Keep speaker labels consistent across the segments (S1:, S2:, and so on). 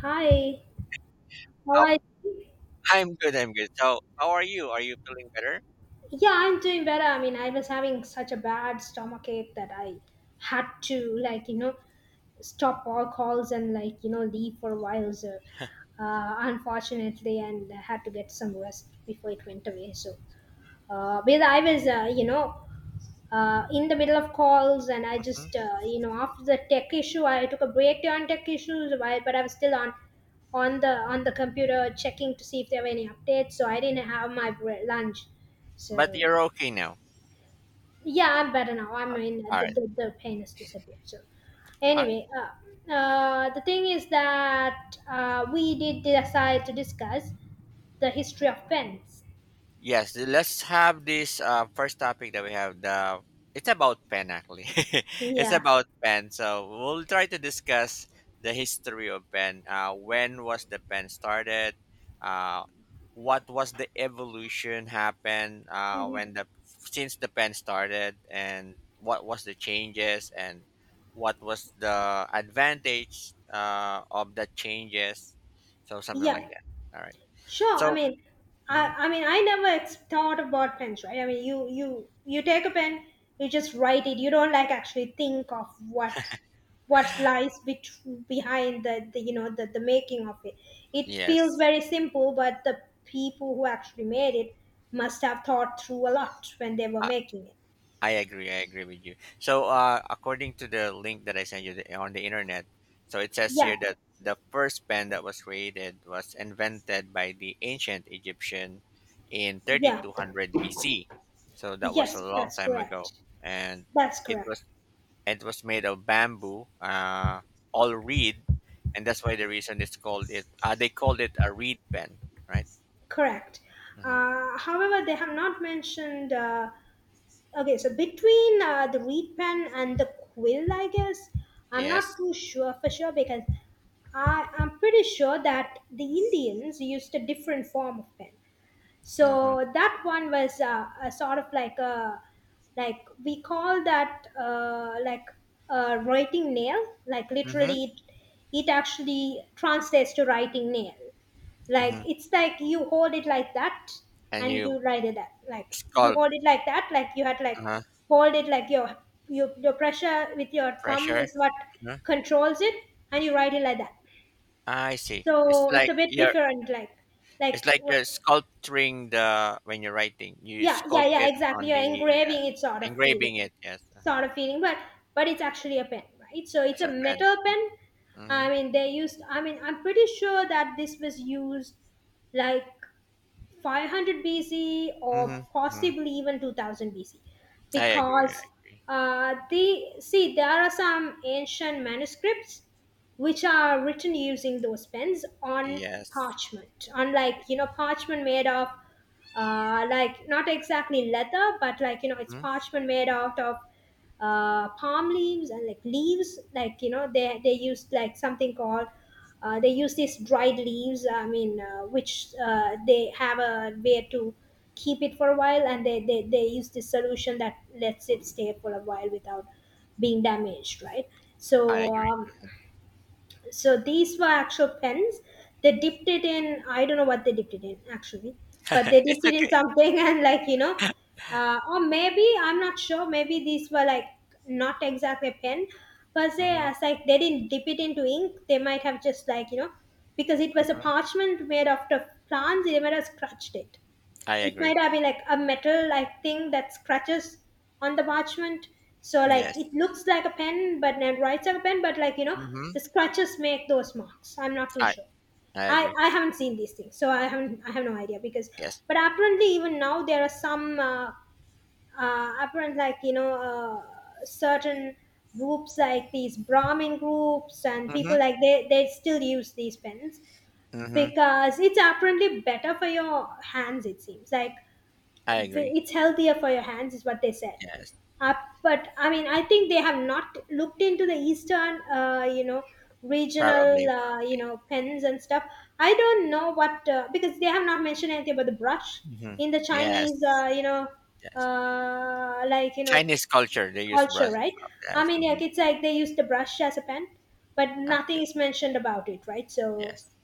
S1: Hi. How
S2: How
S1: are you?
S2: I'm good, I'm good. So, how are you? Are you feeling better?
S1: Yeah, I'm doing better. I mean, I was having such a bad stomach ache that I had to, like, stop all calls and, like, leave for a while. So, unfortunately, and I had to get some rest before it went away. So, but I was, in the middle of calls, and I
S2: Mhm,
S1: just after the tech issue, I took a break on tech issues, but I was still on the computer checking to see if there were any updates, so I didn't have my
S2: mm.
S1: lunch. So
S2: But you're okay now?
S1: yeah, I'm better now. I mean, the,
S2: Alright.
S1: the, the pain has disappeared. So
S2: Alright.
S1: anyway, the thing is that we did decide to discuss the history of pens.
S2: Yes, let's have this first topic that we have. The It's about pen actually. It's
S1: Yeah.
S2: about pen. So we'll try to discuss the history of pen. When was the pen started? Uh, what was the evolution happened
S1: Hmm.
S2: when the since the pen started, and what was the changes and what was the advantage of the changes? So something
S1: Yeah.
S2: like that. All right.
S1: Sure. I
S2: So
S1: mean,
S2: mhm.
S1: I mean, I never thought about pens, right? I mean, you take a pen, you just write it. You don't, like, actually think of what lies behind the, you know, the making of it. It feels
S2: Yes.
S1: very simple, but the people who actually made it must have thought through a lot when they were making it.
S2: I agree. I agree with you. So, according to the link that I sent you on the internet, so it says
S1: Yeah,
S2: here that the first pen that was created was invented by the ancient Egyptian in
S1: yeah,
S2: 3200 BC. So that was a
S1: yes,
S2: long
S1: that's
S2: time ago,
S1: correct.
S2: and
S1: That's
S2: it
S1: correct.
S2: was it was made of bamboo, all reed, and that's why the reason it's called it. They called it a reed pen, right?
S1: Correct.
S2: Hmm.
S1: However, they have not mentioned. Okay, so between the reed pen and the quill, I guess. I'm not
S2: Yes.
S1: too sure for sure, because I'm pretty sure that the Indians used a different form of pen.
S2: Mm-hmm.
S1: So that one was a sort of, like, a — we call that like a writing nail. Like,
S2: Mm-hmm.
S1: literally, it actually translates to writing nail. Like,
S2: Mm-hmm.
S1: it's like you hold it like that,
S2: And
S1: and
S2: you
S1: you ride it that, like, you
S2: sculpt
S1: hold it like that, like you had, like,
S2: uh,
S1: hold it like your your pressure with your thumb
S2: pressure.
S1: is what
S2: Huh?
S1: controls it, and you ride it like that.
S2: I see. It's
S1: So it's
S2: like
S1: a bit
S2: you're
S1: different, like, like
S2: it's like
S1: r-
S2: you're sculpturing the when you're writing. You
S1: yeah, yeah,
S2: sculpt
S1: yeah,
S2: it
S1: exactly,
S2: on
S1: you're
S2: the uh,
S1: engraving it,
S2: engraving it. Yes,
S1: sort of feeling but it's actually a pen, right? So it's
S2: as
S1: a
S2: a pen.
S1: metal pen.
S2: Hmm.
S1: I mean, I'm pretty sure that this was used like 500 BC or
S2: Hmm. Hmm.
S1: possibly even 2000 BC
S2: I agree.
S1: because
S2: I agree.
S1: they see there are some ancient manuscripts which are written using those pens on
S2: Yes.
S1: parchment, unlike, you know, parchment made of like, not exactly leather, but, like, you know, it's
S2: Hmm.
S1: parchment made out of palm leaves, and like leaves, like, you know, they used like something called they use these dried leaves, I mean, which they have a way to keep it for a while, and they use this solution that lets it stay for a while without being damaged, right?
S2: I
S1: So
S2: agree.
S1: um, so these were actual pens. They dipped it in — I don't know what they dipped it in, actually, but they dipped
S2: It's
S1: it in
S2: okay.
S1: something and, like, or maybe I'm not sure. Maybe these were, like, not exactly a pen per se,
S2: Hmm.
S1: as, like, they didn't dip it into ink, they might have just, like, you know, because it was a
S2: Hmm.
S1: parchment made of the plants, they might have scratched it.
S2: I
S1: It
S2: agree.
S1: might have been like a metal, like, thing that scratches on the parchment, so, like,
S2: Yes.
S1: it looks like a pen but then writes like a pen, but, like, you know, the
S2: Hmm.
S1: scratches make those marks. I'm not too
S2: I
S1: sure.
S2: I
S1: i
S2: agree.
S1: i haven't seen these things, so I have no idea, because
S2: Yes.
S1: but apparently, even now, there are some apparent, like, you know, certain groups, like these Brahmin groups, and people,
S2: Hmm.
S1: like, they still use these pens
S2: Hmm.
S1: because it's apparently better for your hands, it seems. Like,
S2: I agree.
S1: it's healthier for your hands is what they said.
S2: Yes.
S1: uh, but I mean, I think they have not looked into the Eastern, you know, regional,
S2: Probably.
S1: you
S2: Probably.
S1: know, pens and stuff. I don't know what, because they have not mentioned anything about the brush
S2: Hmm.
S1: in the
S2: Yes.
S1: Chinese,
S2: Yes.
S1: like, you know,
S2: Chinese culture, they use
S1: culture,
S2: brush.
S1: right? I
S2: Yes.
S1: mean, like,
S2: Mhm.
S1: it's like they use the brush as a pen, but
S2: I
S1: nothing
S2: think
S1: is mentioned about it, right? So
S2: yes.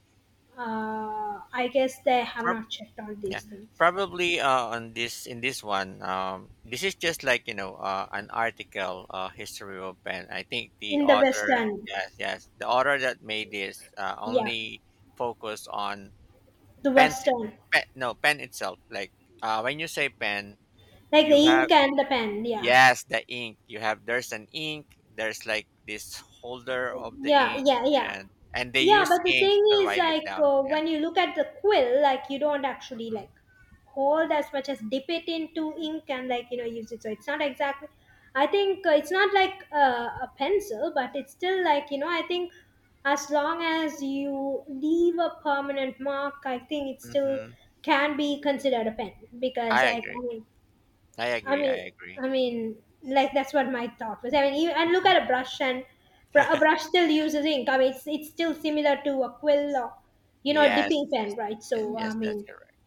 S1: I guess they have
S2: Prob-
S1: not checked on
S2: yeah,
S1: these things
S2: probably on this in this one. This is just like an article, history of Ben. I think the
S1: in the
S2: author,
S1: Western.
S2: yes, yes, the author that made this
S1: Yeah,
S2: only focus on
S1: the
S2: pens.
S1: Western,
S2: Pen, no, pen itself. Like when you say pen,
S1: like, the
S2: you have
S1: ink and the pen. Yeah,
S2: yes, the ink. You have there's an ink. There's like this holder of the
S1: yeah,
S2: ink,
S1: yeah, yeah,
S2: and and they
S1: yeah.
S2: use
S1: But the
S2: ink
S1: thing
S2: to
S1: is,
S2: write it
S1: like,
S2: down. Yes.
S1: when you look at the quill, like, you don't actually, like, hold as much as dip it into ink and, like, you know, use it. So it's not exactly. I think it's not like a pencil, but it's still, like, you know, I think as long as you leave a permanent mark, I think it still
S2: Hmm.
S1: can be considered a pen because,
S2: I
S1: like,
S2: agree. I
S1: I
S2: agree. I
S1: mean,
S2: agree.
S1: I mean, like, that's what my thought was. I mean, even — and look
S2: Mhm.
S1: at a brush, and a brush still uses ink. I mean, it's still similar to a quill or, you know, a
S2: Yes,
S1: dipping
S2: yes,
S1: pen, right?
S2: yes,
S1: So I
S2: yes, that's
S1: mean,
S2: correct.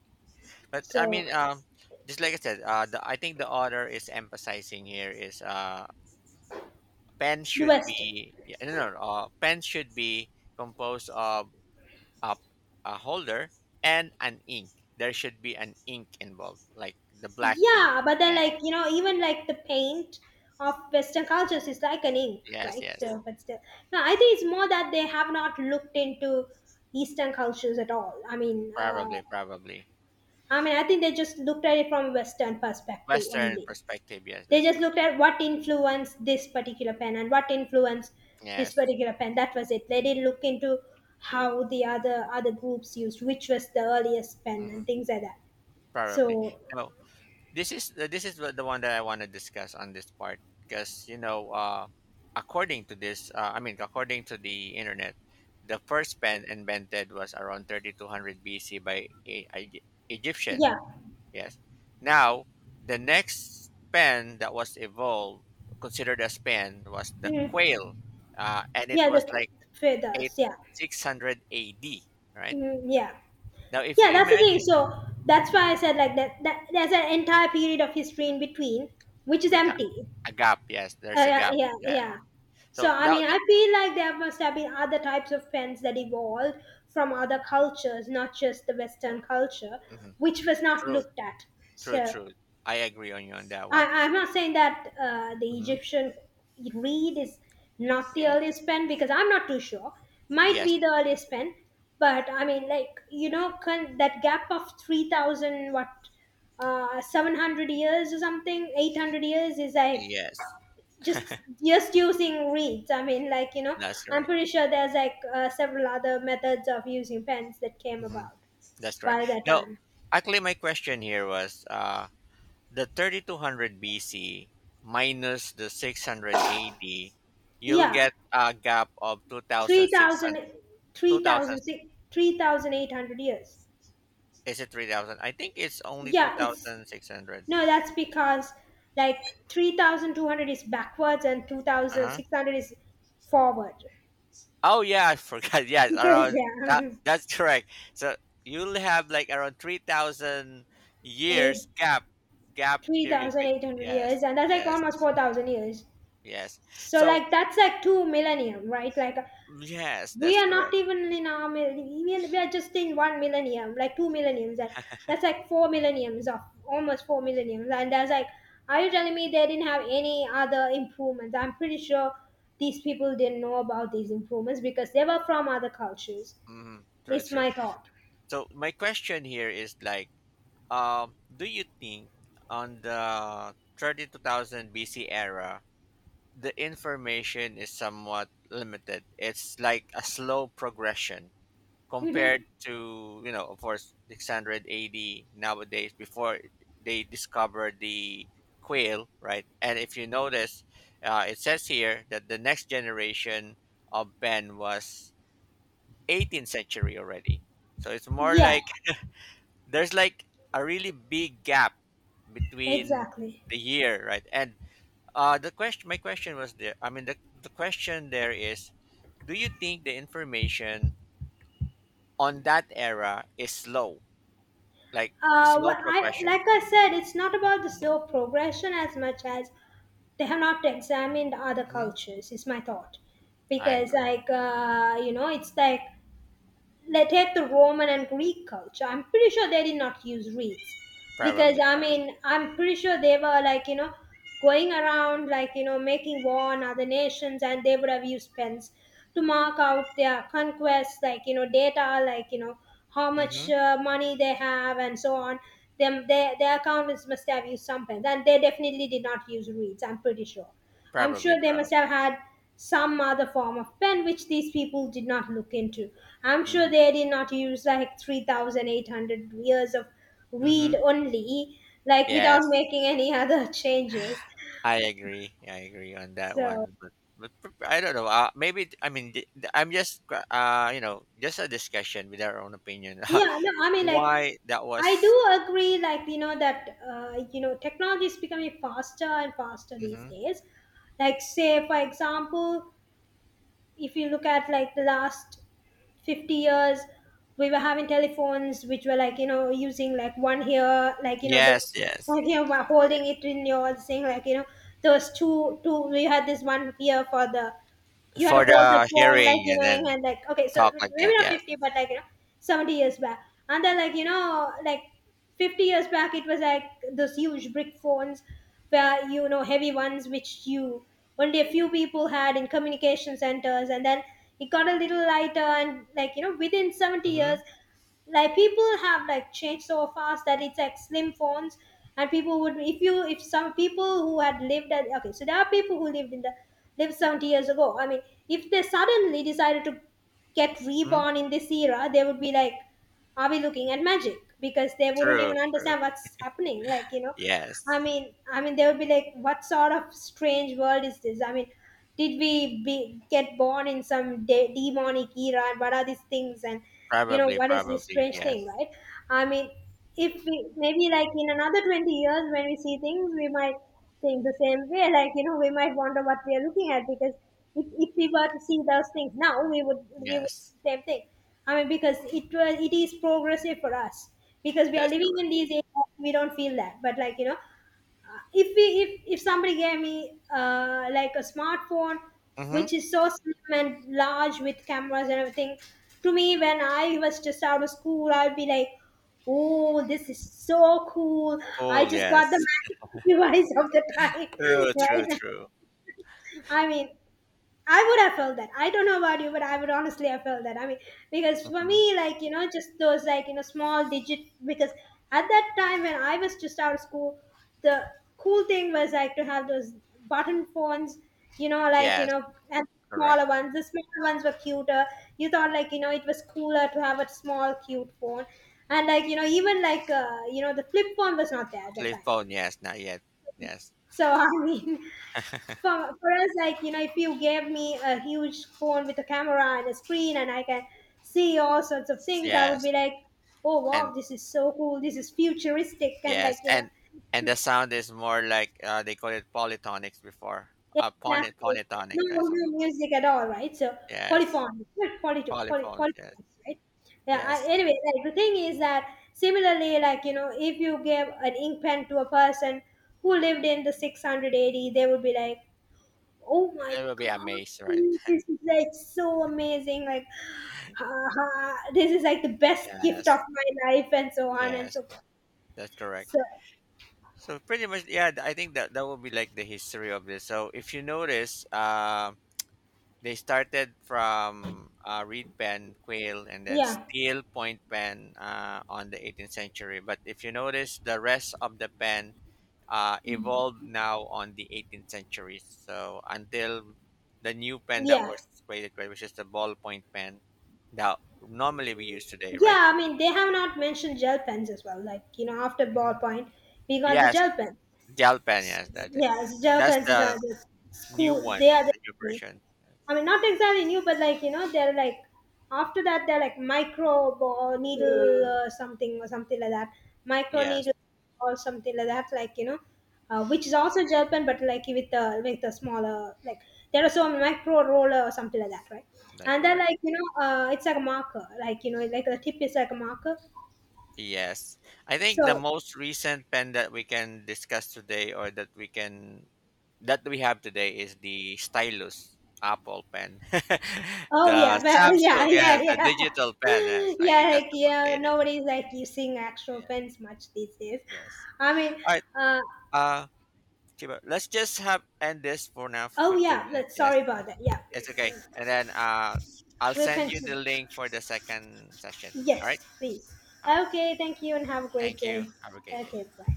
S2: But I
S1: so
S2: mean, just like I said, I think the author is emphasizing here is pen
S1: the
S2: should
S1: Western,
S2: be yeah, no, no, no, pen should be composed of a, a holder and an ink. There should be an ink involved, like the black ink.
S1: yeah, but then,
S2: Yeah,
S1: like, you know, even like the paint of Western cultures is like an ink,
S2: yes,
S1: right?
S2: yes,
S1: So but still, no, I think it's more that they have not looked into Eastern cultures at all.
S2: probably, probably.
S1: I mean, I think they just looked at it from a Western perspective
S2: Western
S1: only.
S2: perspective. Yes,
S1: They
S2: that's
S1: just
S2: correct.
S1: looked at what influenced this particular pen and what influenced this
S2: Yes,
S1: particular pen. That was it. They didn't look into how the other groups used, which was the earliest pen,
S2: mhm,
S1: and things like that.
S2: probably.
S1: So
S2: No. This is the one that I want to discuss on this part because according to this I mean according to the internet the first pen invented was around 3200 BC by Egyptian.
S1: yeah.
S2: Yes. Now the next pen that was evolved considered as pen was the
S1: Mhm.
S2: quail, and it
S1: Yeah,
S2: was
S1: the
S2: like 8
S1: feathers. Yeah.
S2: 600 AD, right?
S1: Mhm, yeah,
S2: Now if
S1: yeah.
S2: you
S1: That's the thing.
S2: imagine
S1: So that's
S2: mhm,
S1: why I said like that, that there's an
S2: mhm.
S1: entire period of history in between, which is
S2: with
S1: empty.
S2: a, a gap. Yes, there's a
S1: Yeah,
S2: gap.
S1: yeah,
S2: Yeah.
S1: yeah. So
S2: So
S1: I
S2: that,
S1: mean, I
S2: that
S1: feel like there must have been other types of pens that evolved from other cultures, not just the Western culture,
S2: hmm
S1: which was not
S2: true,
S1: looked at.
S2: true,
S1: So
S2: true. I agree on you on that one.
S1: I'm not saying that the
S2: Hmm.
S1: Egyptian reed is not the
S2: Yes,
S1: earliest pen because I'm not too sure. Might
S2: yes,
S1: be the earliest pen, but I mean, like, you know, that gap of 3,000, what, 700 years or something, 800 years, is like
S2: yes.
S1: just just using reeds. I mean, like, you know,
S2: That's
S1: I'm
S2: correct.
S1: pretty sure there's like several other methods of using pens that came
S2: Hmm.
S1: about
S2: That's
S1: by
S2: correct.
S1: that
S2: Now,
S1: time.
S2: actually, my question here was the 3200 BC minus the 600 AD, you'll
S1: Yeah,
S2: get a gap of
S1: 3,000,
S2: 2600.
S1: three
S2: 2000
S1: thousand 3,800 years.
S2: Is it 3000? I think it's only
S1: Yeah, it's —
S2: 2600.
S1: no, that's because, like, 3,200 is backwards and
S2: Uh-huh.
S1: 2,600 is forward.
S2: Oh yeah, I forgot. Yes,
S1: Because
S2: around that.
S1: yeah,
S2: That's correct. So you'll have like around three thousand
S1: eight,
S2: years gap period.
S1: 3,800
S2: Yes,
S1: years, and that's like
S2: yes,
S1: almost 4,000 years.
S2: yes.
S1: So
S2: So
S1: like that's like two millennium, right? Like
S2: yes,
S1: we
S2: that's
S1: are not
S2: correct.
S1: even in our even we are just in one millennium, like two millenniums. That's like four millenniums of almost four millenniums. And that's like, are you telling me they didn't have any other improvements? I'm pretty sure these people didn't know about these improvements because they were from other cultures.
S2: Hmm. True,
S1: This
S2: true.
S1: my thought.
S2: So my question here is like, do you think on the 32,000 BC era the information is somewhat limited? It's like a slow progression
S1: Hmm.
S2: compared to of course 600 AD nowadays before they discovered the quail, right? And if you notice it says here that the next generation of pen was 18th century already, so it's more
S1: Yeah,
S2: like there's like a really big gap between
S1: exactly.
S2: the year, right? And the question my question was there. I mean the question there is do you think the information on that era is slow like slow
S1: What I,
S2: progression.
S1: like I said, it's not
S2: Mhm,
S1: about the slow progression as much as they have not examined other
S2: mhm.
S1: cultures. Is my thought.
S2: I
S1: Because,
S2: agree.
S1: like, you know, it's like — take the Roman and Greek culture. I'm pretty sure they did not use reeds, because
S2: Probably,
S1: I mean,
S2: probably.
S1: I'm pretty sure they were, like, you know, going around, like, you know, making war on other nations, and they would have used pens to mark out their conquests, like, you know, data, like, you know, how much
S2: Hmm.
S1: money they have, and so on. Them, their accountants must have used some pens, and they definitely did not use reeds. I'm pretty sure. I'm
S2: Probably,
S1: sure they must
S2: probably.
S1: have had some other form of pen, which these people did not look into. I'm sure
S2: Hmm.
S1: they did not use like 3,800 years of
S2: Hmm.
S1: read only, like, without
S2: Yes,
S1: making any other changes.
S2: I agree. I agree on that
S1: So,
S2: one. But I don't know. Maybe I mean just a discussion with our own opinion.
S1: yeah, no, I mean, like,
S2: Why that
S1: I
S2: was?
S1: do agree, like, you know, that, technology is becoming faster and faster these
S2: Hmm.
S1: days. Like, say, for example, if you look at like the last 50 years we were having telephones which were like you know using like one here like you know the
S2: Yes, yes.
S1: one here while
S2: Correct.
S1: holding it in your thing like you know those two two we had this one here for the you had to
S2: For
S1: hold the
S2: the
S1: phone like
S2: hearing
S1: you
S2: and
S1: know
S2: then
S1: and like okay so
S2: talk like
S1: maybe
S2: that.
S1: not
S2: Yes.
S1: 50 but like you know 70 years back and then like you know like 50 years back it was like those huge brick phones where you know heavy ones which you only a few people had in communication centers and then it got a little lighter and like you know within 70 years
S2: Hmm.
S1: like people have like changed so fast that it's like slim phones. And people would if you if some people who had lived at okay so there are people who lived in the lived 70 years ago. I mean, if they suddenly decided to get
S2: Hmm.
S1: reborn in this era, they would be like, are we looking at magic? Because they wouldn't
S2: True.
S1: even
S2: True.
S1: understand what's happening. Like, you know, I
S2: Yes.
S1: mean, I mean, they would be like, what sort of strange world is this? I mean, did we be, get born in some demonic era? And what are these things? And, you know,
S2: Probably.
S1: what is this
S2: Probably.
S1: strange thing,
S2: Yes.
S1: right? I mean, if we, maybe like in another 20 years when we see things, we might think the same way. Like you know, we might wonder what we are looking at because if we were to see those things now, we would
S2: Yes.
S1: do the same thing. I mean, because it is progressive for us because we are
S2: That's
S1: living
S2: true.
S1: in these areas, we don't feel that. But like you know, if we if somebody gave me like a smartphone
S2: Mm-hmm.
S1: which is so slim and large with cameras and everything. To me when I was just out of school I'd be like, oh, this is so cool. I
S2: Cool,
S1: just got the
S2: yes.
S1: magic device of the time,
S2: True, true,
S1: right?
S2: true.
S1: I mean, I would have felt that. I don't know about you, but I would honestly have felt that. I mean, because for
S2: Hmm.
S1: me, like, you know, just those, like, you know, small digit, because at that time when I was just out of school, the cool thing was, like, to have those button phones, you know, like, you
S2: Yes,
S1: know, and smaller
S2: correct.
S1: ones. The smaller ones were cuter. You thought, like, you know, it was cooler to have a small, cute phone. And, like, you know, even, like, you know, the flip phone was not there at that
S2: Flip
S1: time.
S2: phone, yes, not yet. Yes.
S1: So, I mean, for us like you know if you gave me a huge phone with a camera and a screen and I can see all sorts of things I would be
S2: Yes.
S1: like, oh wow,
S2: And
S1: this is so cool, this is futuristic and like
S2: yes,
S1: you know
S2: and the sound is more like they call it polytonics before.
S1: exactly. No,
S2: Polytonics, right?
S1: no music at all, right? So
S2: Yes. Polyphones, yes.
S1: polyphonics, right? Yeah, I,
S2: Yes.
S1: anyway, like the thing is that similarly like you know if you gave an ink pen to a person who lived in the 600 AD, they would be like, oh my
S2: They will be
S1: god,
S2: amazed, right?
S1: this is like so amazing! Like, ha, ha, this is like the best gift of
S2: Yes.
S1: my life, and so on and
S2: Yes.
S1: so forth.
S2: That's correct.
S1: So,
S2: So pretty much yeah, I think that will be like the history of this. So if you notice, they started from reed pen, quail, and then
S1: yeah,
S2: steel point pen on the 18th century. But if you notice, the rest of the pen evolved now on the 18th century. So until the new pen that
S1: yeah,
S2: was created, right, which is the ballpoint pen that normally we use today, right?
S1: yeah. I mean, they have not mentioned gel pens as well. Like, you know, after
S2: Hmm.
S1: ballpoint, we got the
S2: Yes,
S1: gel pens.
S2: gel pen. Yes, that's it.
S1: Yeah, so gel
S2: That's
S1: pens is are
S2: the
S1: the
S2: new
S1: school.
S2: one,
S1: They are the,
S2: the new version.
S1: I mean, not exactly new, but like you know, they're like after that they're like microbe or needle something or something like that, micro
S2: Yes,
S1: needle or something like that. Like you know, which is also gel pen, but like with the smaller like there are some micro roller or something like that, right?
S2: that's
S1: And then
S2: correct.
S1: like you know, it's like a marker, like you know, like the tip is like a marker.
S2: Yes. I think the
S1: So
S2: most recent pen that we can discuss today or that we have today is the stylus Apple pen.
S1: oh yeah,
S2: The
S1: but, yeah,
S2: Samsung, yes,
S1: yeah,
S2: the
S1: yeah.
S2: digital pen, yes. I
S1: Yeah,
S2: think that's
S1: like
S2: the most
S1: yeah,
S2: latest.
S1: nobody's like using actual
S2: Yeah,
S1: pens much these days.
S2: yes.
S1: I mean,
S2: All right.
S1: uh,
S2: Uh Kiba, let's just have end this for now for
S1: oh
S2: 15
S1: yeah,
S2: minutes.
S1: that,
S2: Yes.
S1: sorry about that. Yeah,
S2: It's okay. And then I'll
S1: we'll
S2: send you the
S1: continue.
S2: link for the second session. All right?
S1: Yes, please.
S2: All right.
S1: Okay, thank you and have a great
S2: Thank you.
S1: day.
S2: Have a great day.
S1: Okay, bye.